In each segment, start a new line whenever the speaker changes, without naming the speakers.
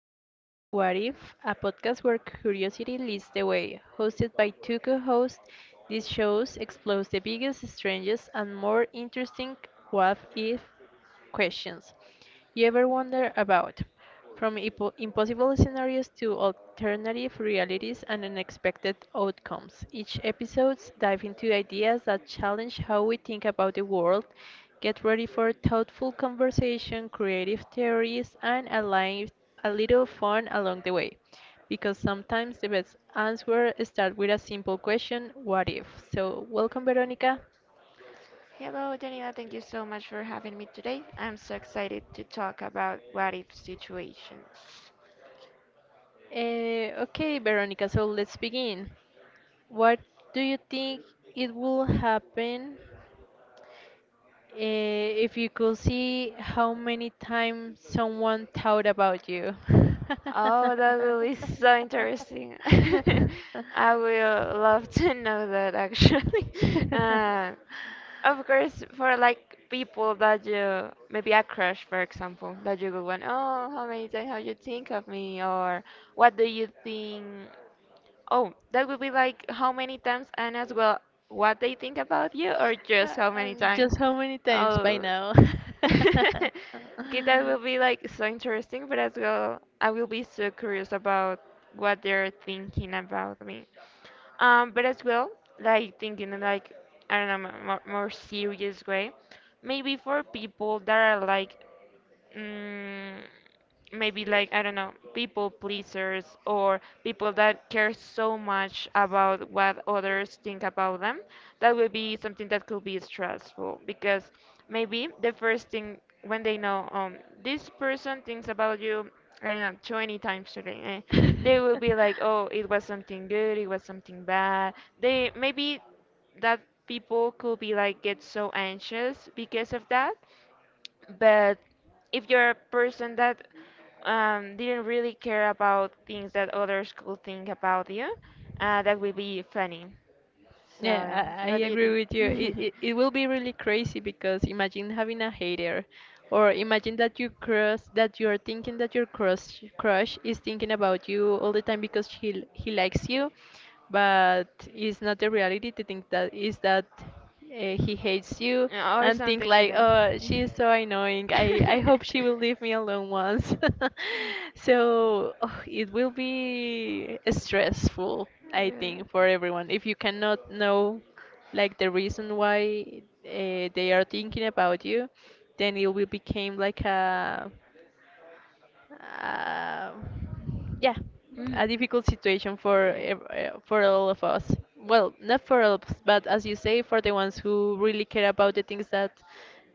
welcome to What If, a podcast where curiosity leads the way. Hosted by two co hosts, these shows explore the biggest, strangest, and more interesting what if questions. You ever wonder about from impossible scenarios to alternative realities and unexpected outcomes? Each episode dive into ideas that challenge how we think about the world. Get ready for thoughtful conversation, creative theories, and a little fun along the way. Because sometimes the best answer start with a simple question, what if? So, welcome, Veronica.
Hello, Daniela. Thank you so much for having me today. I'm so excited to talk about what if situations.
Okay, Veronica, so let's begin. What do you think it will happen if you could see how many times someone thought about you?
Oh, that will be so interesting. I will love to know that actually. Uh, of course, for people that you maybe a crush, for example, that you go on, oh, how many times have you think of me, or what do you think? Oh, that would be like how many times and as well what they think about you or just how many times?
Just how many times by
Oh.
now?
Okay, that will be like so interesting, but as well, I will be so curious about what they're thinking about me. But as well, like thinking in, like, I don't know, more serious way. Maybe for people that are like mm, maybe I don't know, people pleasers or people that care so much about what others think about them, that would be something that could be stressful because maybe the first thing when they know this person thinks about you, I don't know, 20 times today. They will be like, oh, it was something good, it was something bad. They maybe that people could be like get so anxious because of that, but if you're a person that didn't really care about things that others could think about you, that will be funny. So, yeah.
Yeah, I
What do you
agree
think?
with you. It, it, it will be really crazy because imagine having a hater, or imagine that you crush that you're thinking that your crush is thinking about you all the time because he likes you, but it's not the reality. To think thats that is that he hates you
Or
and think
something like
like,
that.
oh, she is so annoying. I hope she will leave me alone once. So oh, it will be stressful, I
Yeah.
think, for everyone. If you cannot know like the reason why they are thinking about you, then it will become like a uh, yeah,
Mhm.
a difficult situation for
Yeah.
for all of us. Well, not for all of us, but as you say, for the ones who really care about the things that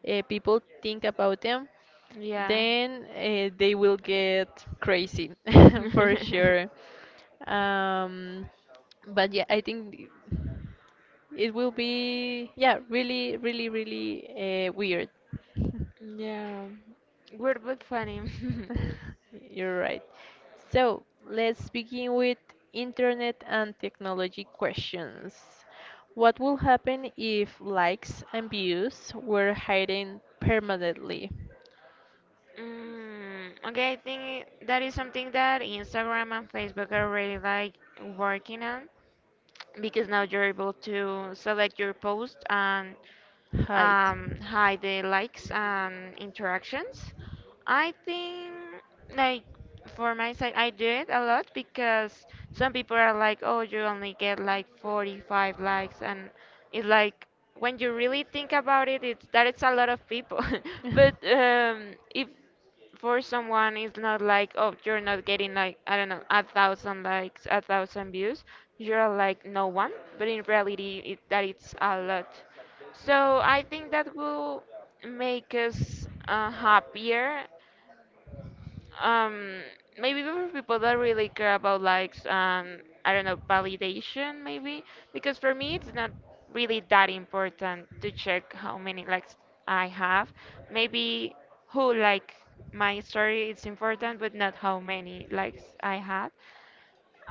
people think about them,
Yeah.
then they will get crazy for sure. Um, but yeah, I think it will be yeah really really really weird.
Yeah. Weird but funny.
You're right. So let's begin with internet and technology questions. What will happen if likes and views were hidden permanently?
Mm, okay, I think that is something that Instagram and Facebook are really like working on because now you're able to select your post and
Hide.
hide the likes and interactions. I think like for my side, I do it a lot because some people are like, oh, you only get like 45 likes, and it's like when you really think about it, it's a lot of people. But if for someone it's not like, oh,
You're
you're
not
not
getting
getting
like
like, I don't know, a thousand likes, a thousand views, you're
you're like
like no one, but
very
in
barely.
reality, it's a lot, so I think that will make us happier. Um, maybe for people that really care about likes, I don't know, validation maybe, because for me it's not really that important to check how many likes I have. Maybe who like my story is important, but not how many likes I had.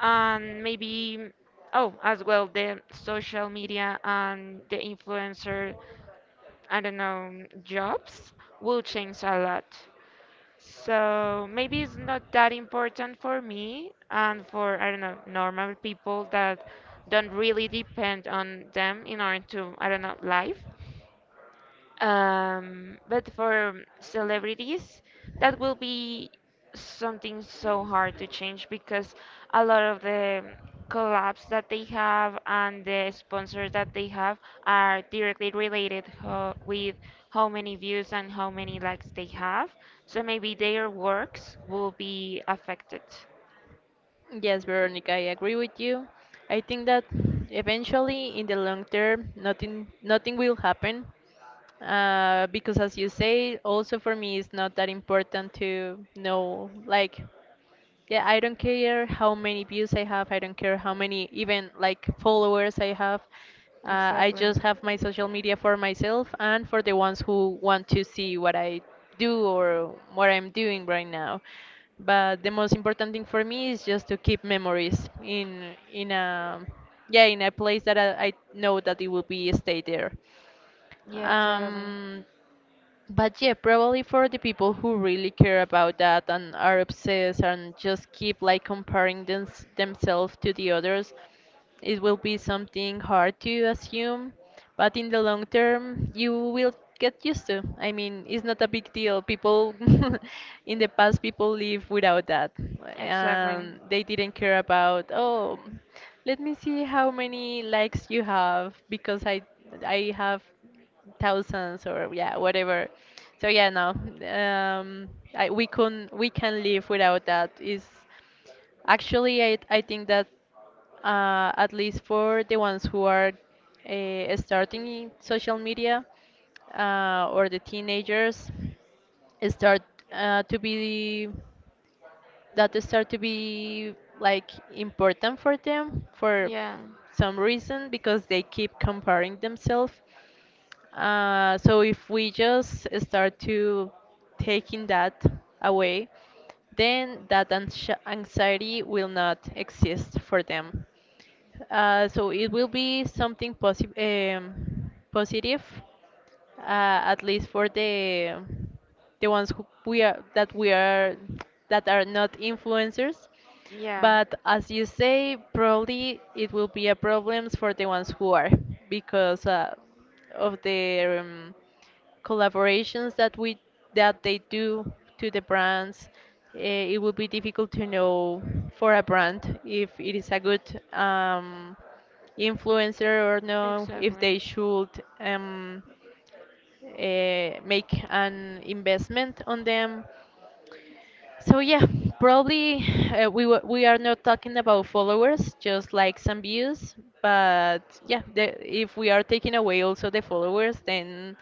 And maybe, oh, as well, the social media and the influencer, I don't know, jobs will change a lot. So maybe it's not that important for me and for, I don't know, normal people that don't really depend on them in order to, I don't know, life. But for celebrities, that will be something so hard to change because a lot of the collabs that they have and the sponsors that they have are directly related ho with how many views and how many likes they have. So maybe their works will be affected.
Yes, Veronica, I agree with you. I think that eventually, in the long term, nothing will happen. Because as you say, also for me, it's not that important to know like. Yeah, I don't care how many views I have. I don't care how many even like followers I have. I
Exactly.
just have my social media for myself and for the ones who want to see what I do or what I'm doing right now. But the most important thing for me is just to keep memories in a yeah in a place that I know that it will be stay there.
Yeah, totally.
Um, but yeah, probably for the people who really care about that and are obsessed and just keep like comparing themselves to the others, it will be something hard to assume. But in the long term, you will get used to. I mean, it's not a big deal. People in the past, people live without that, and they didn't care about, oh, let me see how many likes you have
Exactly.
because I have thousands or yeah whatever so yeah no we can live without that is actually I think that at least for the ones who are starting in social media or the teenagers start to be
Is.
that start to be like important for them for some reason because they keep comparing themselves, so if we just start to taking that away, then that anxiety will not exist for them. So it will be something positive at least for the ones who we are that are not influencers,
Yeah.
but as you say probably it will be a problems for the ones who are because of the collaborations that we that they do to the brands, uh, it will be difficult to know for a brand if it is a good
As a.
influencer or no if they should um,
Um.
make an investment on them. So yeah, probably we are not talking about followers, just like some views. But yeah, if we are taking away also the followers, then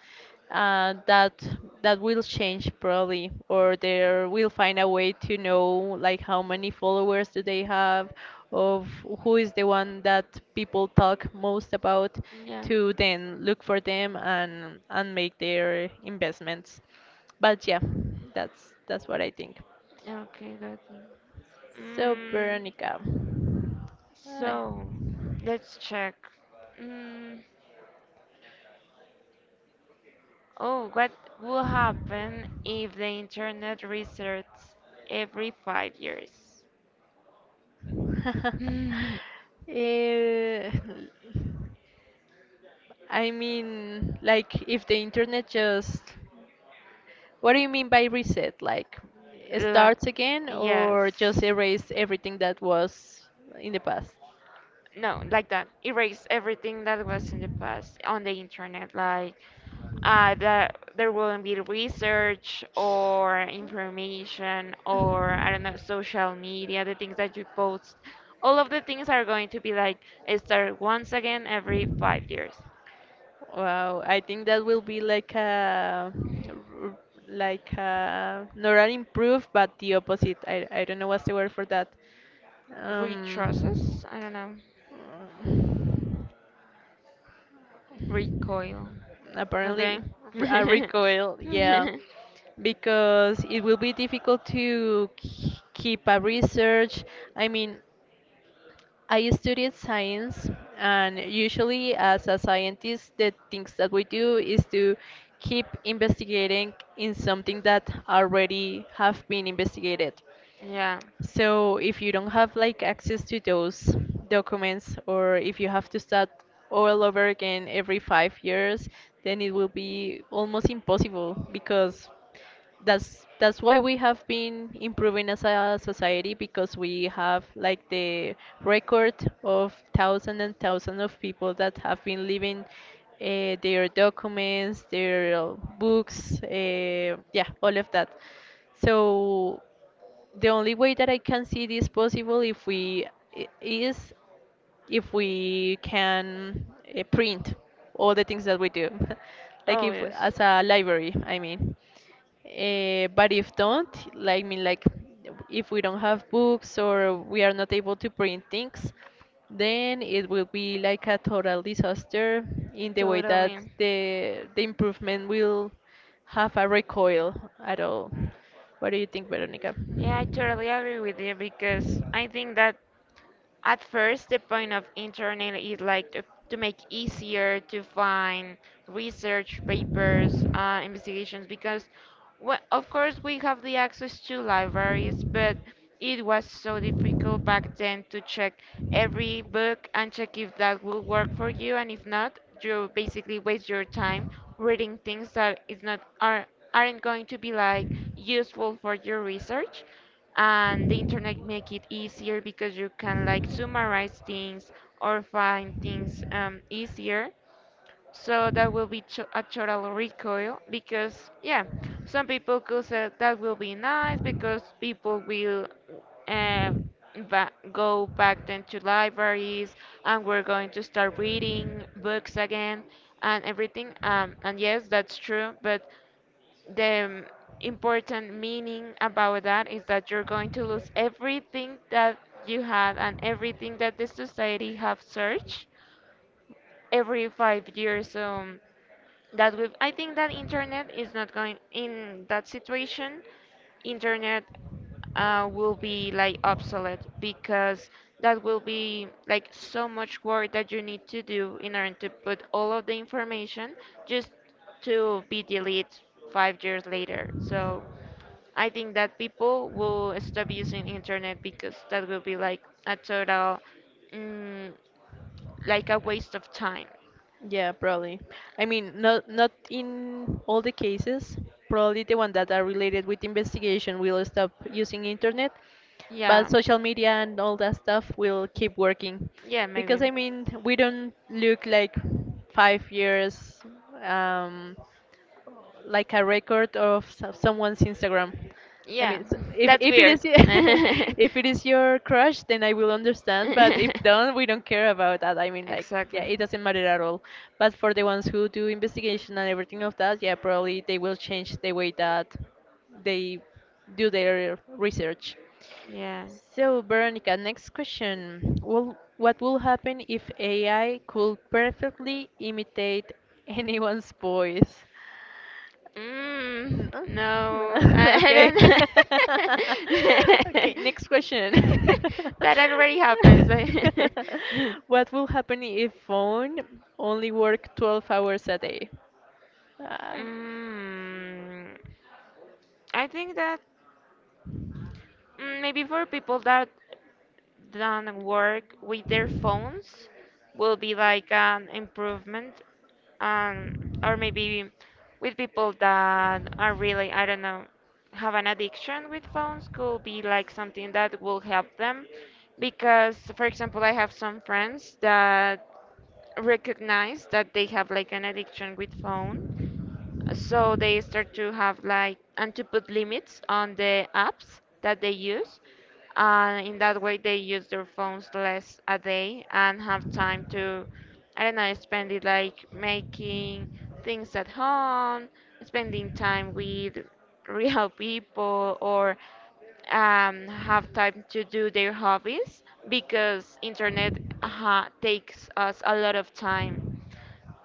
uh, that that will change probably, or there will find a way to know like how many followers do they have, of who is the one that people talk most about, to then look for them and make their investments. But yeah, that's what I think.
Okay, got you.
So,
Mm,
Veronica, I,
so, let's check. Mm, oh, what would happen if the internet resets every 5 years? La-
Eh, I mean, like, if the internet just, what do you mean by reset? Like, it starts again
yes.
or just erase everything that was in the past?
No, like that. Erase everything that was in the past on the internet. Like, uh, the there wouldn't be research or information or, I don't know, social media, the things that you post. All of the things are going to be like start once again every 5 years.
Wow, I think that will be like r- like a, not an improve, but the opposite. I don't know what's the word for that. Um,
Retraces? I don't know.
Mm,
Recoil.
Apparently,
Okay.
a recoil, yeah, because it will be difficult to keep a research. I mean, I studied science, and usually, as a scientist, the things that we do is to keep investigating in something that already have been investigated.
Yeah.
So if you don't have like access to those documents or if you have to start all over again every 5 years, then it will be almost impossible because that's why we have been improving as a society because we have like the record of thousands and thousands of people that have been leaving their documents, their books, yeah, all of that. So the only way that I can see this possible if is if we can print all the things that we do, like
Oh
if
yes.
as a library, I mean. But if don't, like mean like if we don't have books or we are not able to print things, then it will be like a total disaster in the way that
Totally.
the improvement will have a recoil at all. What do you think, Veronica?
Yeah, I totally agree with you because I think that at first, the point of internet is to make easier to find research papers, investigations, because well, of course we have the access to libraries, but it
So
was so
we go
difficult back
then
then
to
to
check
check
every
every
book
book and check
you've
if
got.
that will
We work
work for
on
you, and
you.
if not,
You
you basically
basically
waste
your
your time
time
reading things that is not are aren't going to be
by
like
use
useful for
research.
your research, and
Um, Maybe
the
they
internet
can be like
make it easier because you can like
summarizing
summarize things
or
or find
classing.
things,
Um,
easier,
so
so
there
that
will
will
be
be
two
a
options
total recoil
because
because
yeah,
yeah, some
sometimes
people could say that will be nice
because
because
people
people
will
will, uh,
um go
go
back
back
then.
then to libraries and we're going to start reading books again and everything, and yes, that's true, but the important meaning about that is that you're going to lose everything that you had and everything that the society have searched every 5 years. So that we I think that internet is not going in that situation. Internet will be like obsolete because that will be like so much work that you need to do in order to put all of the information just to be deleted 5 years later. So I think that people will stop using internet because that will be like a total, mm, like a waste of time.
Yeah, probably. I mean, not in all the cases. Probably the one that are related with investigation will stop using internet, but
Yeah.
social media and all that stuff will keep working,
Yeah,
because I
maybe.
mean, we don't look like 5 years. Um, like a record of someone's Instagram. I
Yeah,
mean, so
that's
if it
weird.
is if it is your crush, then I will understand. But if don't, we don't care about that. I mean, like, yeah, it
Exactly.
doesn't matter at all. But for the ones who do investigation and everything of that, yeah, probably they will change the way that they do their research.
Yeah.
So, Veronica, next question. Will, what will happen if AI could perfectly imitate anyone's voice?
Mm,
No?
no,
No.
I, I
Okay.
don't.
Okay, next question.
That already happens.
What will happen if phone only work 12 hours a day? Ah,
Mm, I think that, mm, maybe for people that than work with their phones will be like an improvement, um, or maybe with people that are really, I don't know, have an addiction with phones could be like something that will help them because for example I have some friends that recognize that they have like an addiction with phone, so they start to have like and to put limits on the apps that they use, and in that way they use their phones less a day and have time to, I don't know, spend it like making things at home, spending time with real people, or have time to do their hobbies because internet takes us a lot of time,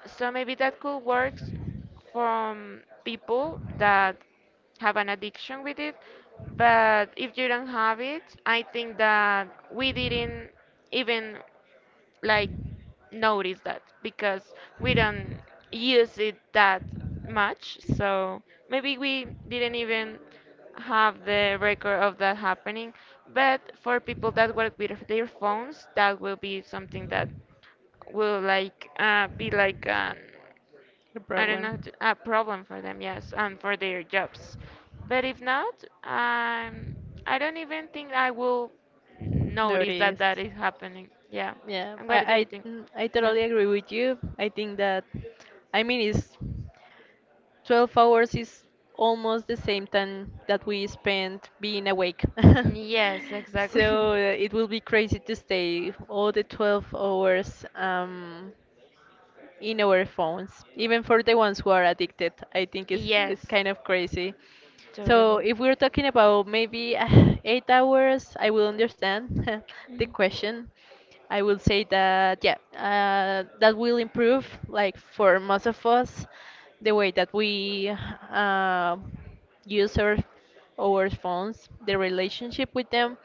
so maybe that could work from people that have an addiction with it. But if you don't have it, I think that we didn't even like notice that because we don't use it that much. So maybe we didn't even have the record of that happening. But for people that work with their phones, that will be something that will like, be like an,
the
I don't know,
problem.
a problem for them, yes, and for their jobs. But if not, um, I don't even think I will n- notice that that
Noticed.
is happening. Yeah.
Yeah,
And what do you think?
mm, I
Yeah.
totally agree with you. I think that, I mean, it's 12 hours is almost the same time that we spend being awake.
Yes, exactly.
So it will be crazy to stay all the 12 hours. In our phones, even for the ones who are addicted. I think it's
Yes,
kind of crazy. So
totally.
if we're talking about maybe 8 hours, I will understand the question. I will say that yeah, that will improve like for most of us the way that we uh, use our phones, the relationship with them,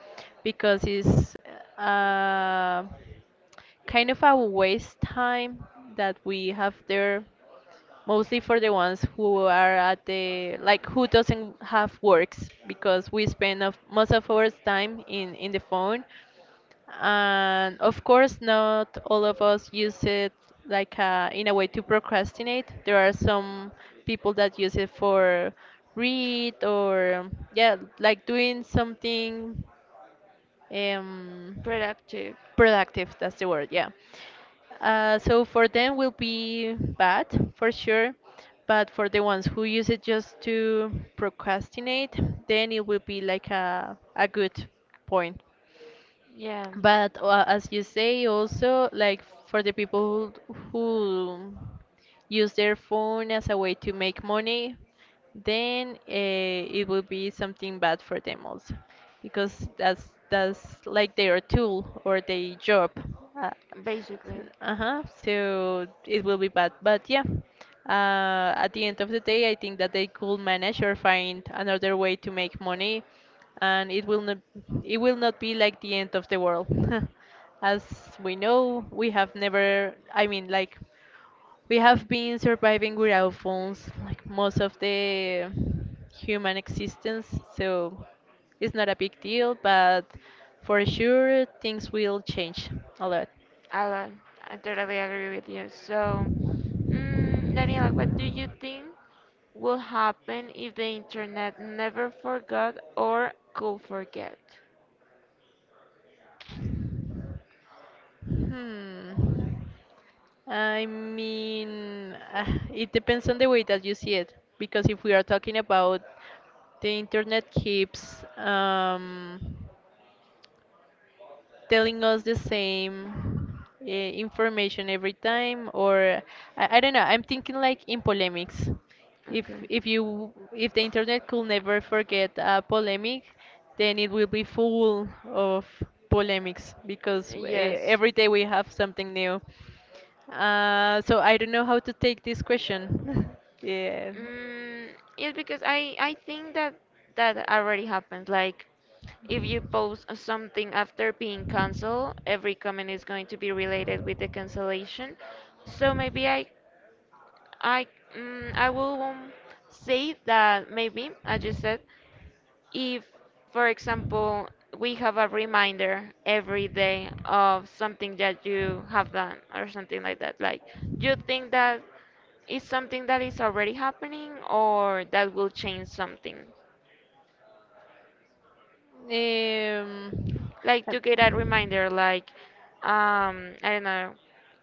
because it's uh, kind of a waste time that we have there mostly for the ones who are at the like who doesn't have works because we spend most of our time in the phone, and of course not all of us use it like in a way to procrastinate. There are some people that use it for read or yeah like doing something um,
Productive.
productive. That's the word. Yeah. So for them will be bad for sure, but for the ones who use it just to procrastinate, then it will be like a good point.
Yeah,
But as you say, also like for the people who use their phone as a way to make money, then it will be something bad for them also, because that's like their tool or their job. Uh,
example, basically.
uh-huh. So it will be bad, but yeah. At the end of the day, I think that they could manage or find another way to make money, and it will not be like the end of the world. As we know, we have never. I mean, like we have been surviving without phones like most of the human existence, so it's not a big deal, but for sure things will change a lot.
I, love. I totally agree with you. So, mm, Daniela, what do you think will happen if the internet never forgot or could forget?
hmm I mean, it depends on the way that you see it, because if we are talking about the internet keeps telling us the same information every time, or I don't know, I'm thinking like in polemics. if
Okay.
if you if the internet could never forget a polemic, then it will be full of polemics, because
Yes.
every day we have something new. So I don't know how to take this question. Yeah.
Mm, yes, because I think that that already happened. Like, if you post something after being canceled, every comment is going to be related with the cancellation. So maybe I, mm, I will, say that maybe, as you said, if, for example, we have a reminder every day of something that you have done or something like that, like you think that it's something that is already happening or that will change something.
um,
Like to get a reminder,
I-
like, I don't know,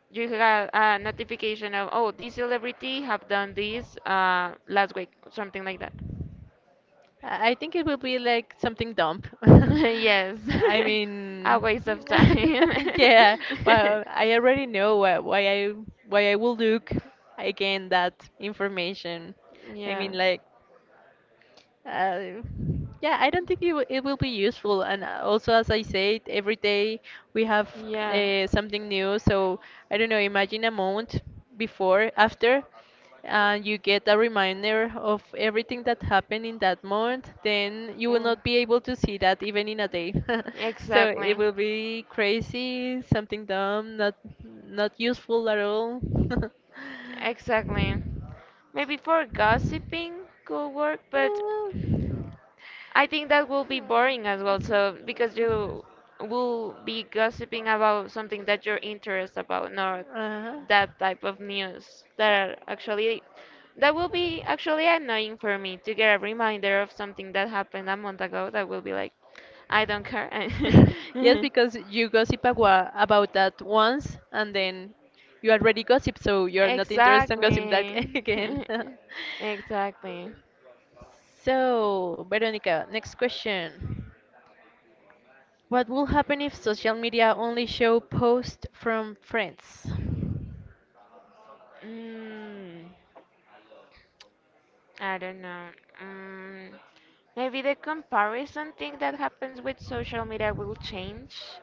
you got a notification of, oh, this celebrity have done this, last week, something like that.
I think it will be like something dumb.
Yes,
I
a
mean,
waste of time.
yeah. Well, I already know why I will look again that information. I mean,
Yeah,
like uh, yeah, I don't think it will be useful. And also, as I said, every day we have
yeah.
something new. So I don't know, imagine a month before, after, and you get a reminder of everything that happened in that month, then you will
Mm.
not be able to see that even in a day. So it
Exactly.
will be crazy, something dumb, not not useful at all.
Exactly. Maybe for gossiping could work, but
No.
I think that will be boring as well, so because you will be gossiping about something that you're interested about, not
Uh-huh.
that type of news that are actually, that will be actually annoying for me to get a reminder of something that happened a month ago that will be like, I don't care.
Yes, because you about that once, and then you already gossip, so you're not interested in gossip that
Exactly.
again.
Exactly.
So, Veronica, next question. What will happen if social media only show posts from friends?
Mm. I don't know. Mm, maybe the comparison thing that happens with social media will change.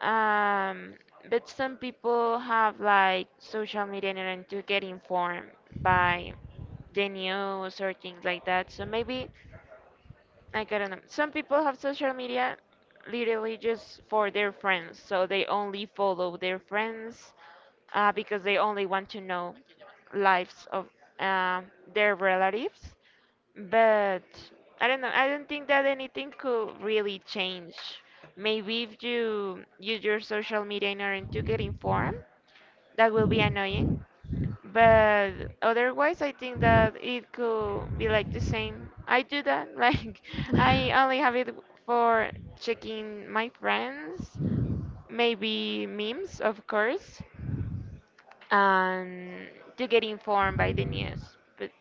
Um, but some people have like social media in order to get informed by the news or things like that. So maybe, like, I don't know. Some people have social media literally just for their friends. So they only follow their friends because they only want to know lives of um their relatives. But I don't know. I don't think that anything could really change. Maybe if you use your social media in order to get informed, that will be annoying. But otherwise, I think that it could be like the same. I do that. Like I only have it for checking my friends, maybe memes, of course, and to get informed by the news. But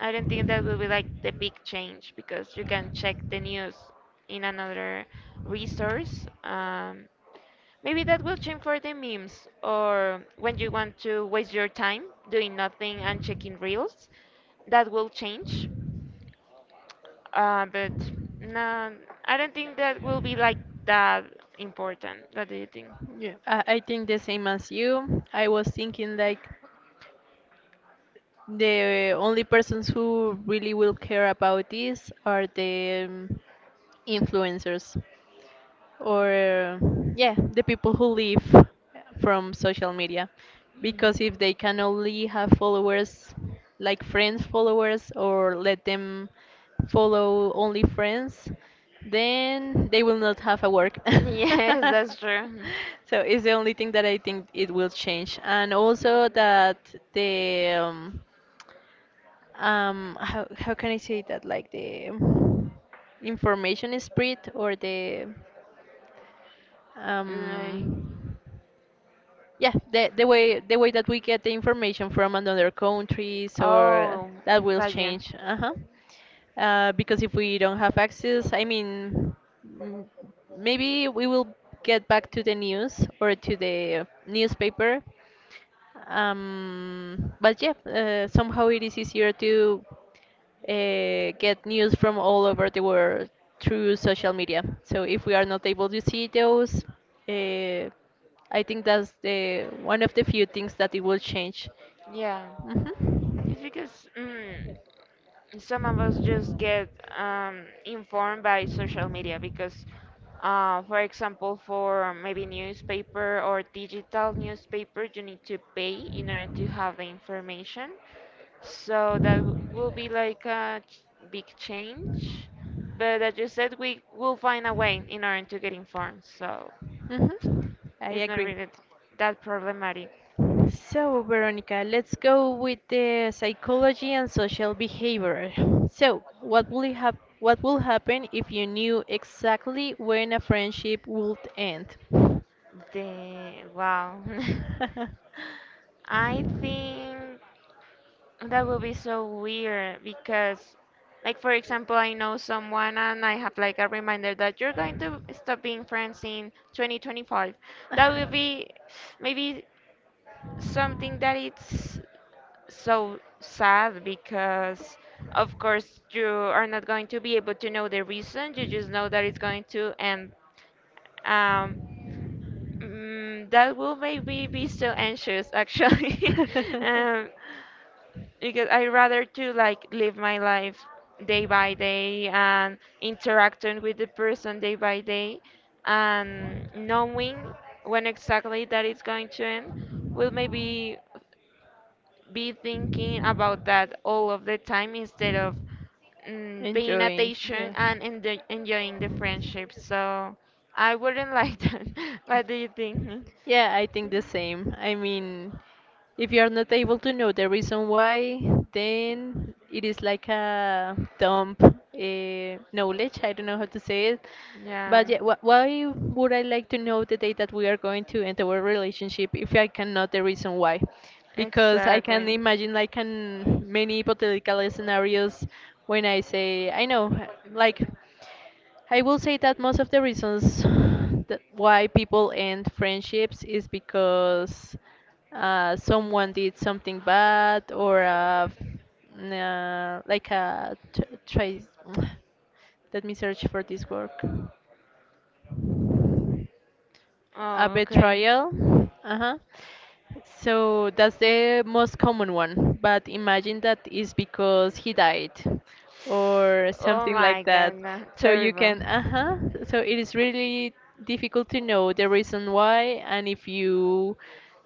I don't think that will be like the big change because you can check the news in another resource. Maybe that will change for the memes or when you want to waste your time doing nothing and checking reels. That will change. But no, I don't think that will be like that important. What do you think?
Yeah, I think the same as you. I was thinking like, the only persons who really will care about this are the influencers, or yeah, the people who live from social media.
Mm.
Because if they can only have followers like friends followers, or let them follow only friends, then they will not have a work.
Yes, that's true.
So it's the only thing that I think it will change, and also that the how can I say that, like the information spread, or the
Like,
um, yeah, the way the way that we get the information from another countries, or
oh,
that will
gotcha.
change. Uh-huh. Because if we don't have access, I mean, mm, maybe we will get back to the news or to the newspaper. But yeah, somehow it is easier to get news from all over the world through social media. So if we are not able to see those, uh, I think that's the one of the few things that it will change.
Yeah,
hmm
it's because some of us just get um, informed by social media because, for example, for maybe newspaper or digital newspaper, you need to pay in order to have the information. So will be like a big change. But as you said, we will find a way in order to get informed. So
Mm-hmm. I
it's not
agree.
really that problematic.
So, Veronica, let's go with the psychology and social behavior. So, what will you hap what will happen if you knew exactly when a friendship would end?
The wow. I think that would be so weird because like for example, I know someone and I have like a reminder that you're going to stop being friends in 2025. That would be maybe something that it's so sad because of course you are not going to be able to know the reason, you just know that it's going to end. um that will make me be so anxious actually. um because I rather to like live my life day by day and interacting with the person day by day, and knowing when exactly that it's going to end will maybe be thinking about that all of the time instead of paying attention and enjoying the friendship. So I wouldn't like that. What do you think?
Yeah, I think the same. I mean, if you are not able to know the reason why, then it is like a dumb knowledge. I don't know how to say it.
Yeah.
But yeah, wh why would I like to know the day that we are going to end our relationship if I cannot the reason why? Because I can
Exactly.
imagine like an many hypothetical scenarios when I say, I know, like. I will say that most of the reasons that why people end friendships is because someone did something bad, or like a let me search for this word. A
Oh, okay.
betrayal. Uh-huh. So that's the most common one. But imagine that is because he died or
Oh
something
my
like that.
god, no.
So you
Terrible.
can, uh-huh. So it is really difficult to know the reason why. And if you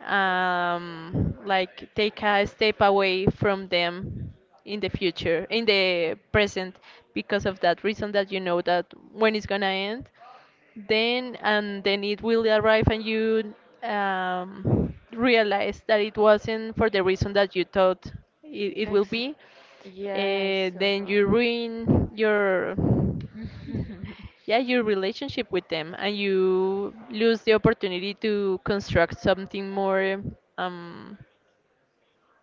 like take a step away from them in the future, in the present, because of that reason that you know that when it's gonna end, then and then it will arrive, and you realize that it wasn't for the reason that you thought, it will
Ex-
be
yes, so
then you
hard.
ruin your yeah your relationship with them, and you lose the opportunity to construct something more um,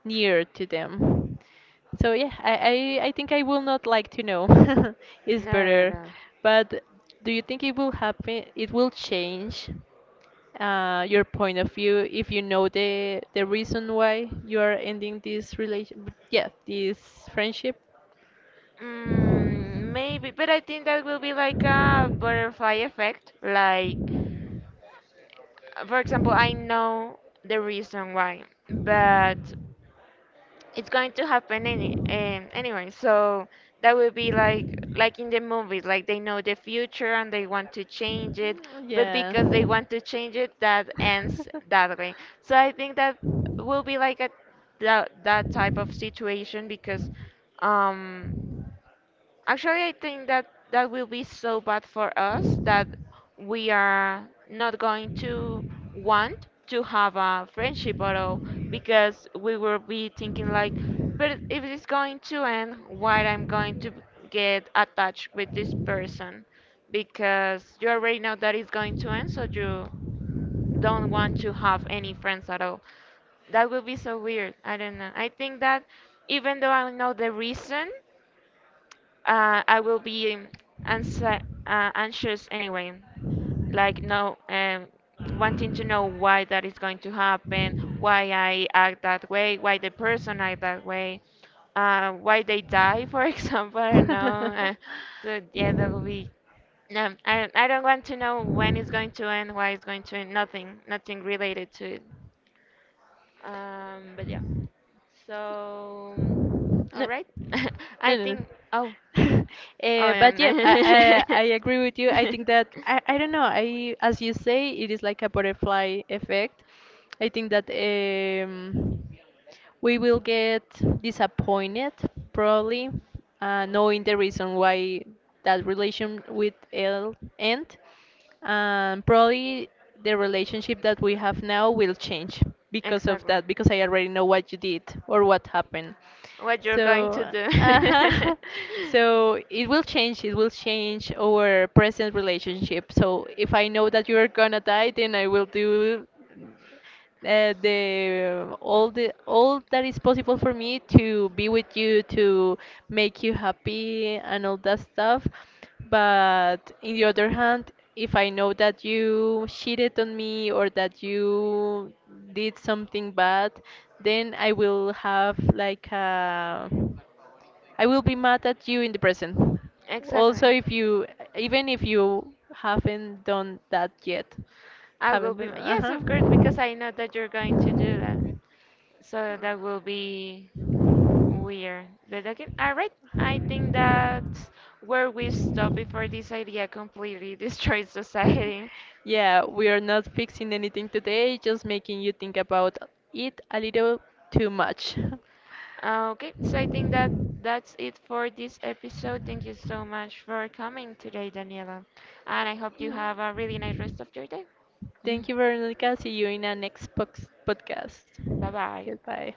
near to them. So yeah, I think I will not like to know. It's
No, no,
better.
no.
But do you think it will happen? It will change your point of view if you know the reason why you are ending this relation. Yeah, this friendship.
Mm, maybe, but I think that will be like a butterfly effect. Like, for example, I know the reason why, but it's going to happen anyway, so that would be
Mm,
like in the movies, like they know the future and they want to change it, but
yeah.
because they want to change it that ends that way. So I think that will be like a that type of situation because um actually, I think that will be so bad for us that we are not going to want to have a friendship at all, because we will be thinking like, but if it's going to end, why I'm going to get attached with this person, because you already know that it's going to end, so you don't want to have any friends at all. That will be so weird. I don't know. I think that even though I know the reason, I will be anxi- anxious anyway, like no, wanting to know why that is going to happen, why I act that way, why the person act that way, why they die, for example. I don't know. So yeah, that will be. No, I don't want to know when it's going to end, why it's going to end. Nothing, nothing related to it. But yeah. So,
No, no,
all right.
right?
I
No. No.
think. Oh. Oh yeah.
But yeah, I agree with you.
No.
I think that I don't know. I, as you say, it is like a butterfly effect. I think that we will get disappointed probably, knowing the reason why that relation with L end, and probably the relationship that we have now will change because of
Exactly.
that, because I already know what you did or what happened.
What you're going
So
to do.
uh, so it will change, it will change our present relationship. So if I know that you're gonna die, then I will do the all that is possible for me to be with you, to make you happy and all that stuff. But in the other hand, if I know that you cheated on me, or that you did something bad, then I will have like a, I will be mad at you in the present. Also,
Exactly.
if you, even if you haven't done that yet,
I will
haven't
be,
done,
yes, of course, because
uh-huh.
I know that you're going to do that. So that will be weird. But okay, all right. I think that's where we stop before this idea completely destroys society.
Yeah, we are not fixing anything today, just making you think about it a little too much.
Okay, so I
Okay.
think that that's it for this episode. Thank you so much for coming today, Daniela. And I hope you have a really nice rest of your day.
Thank you, Veronica. See you in our next podcast.
Bye bye.
Goodbye.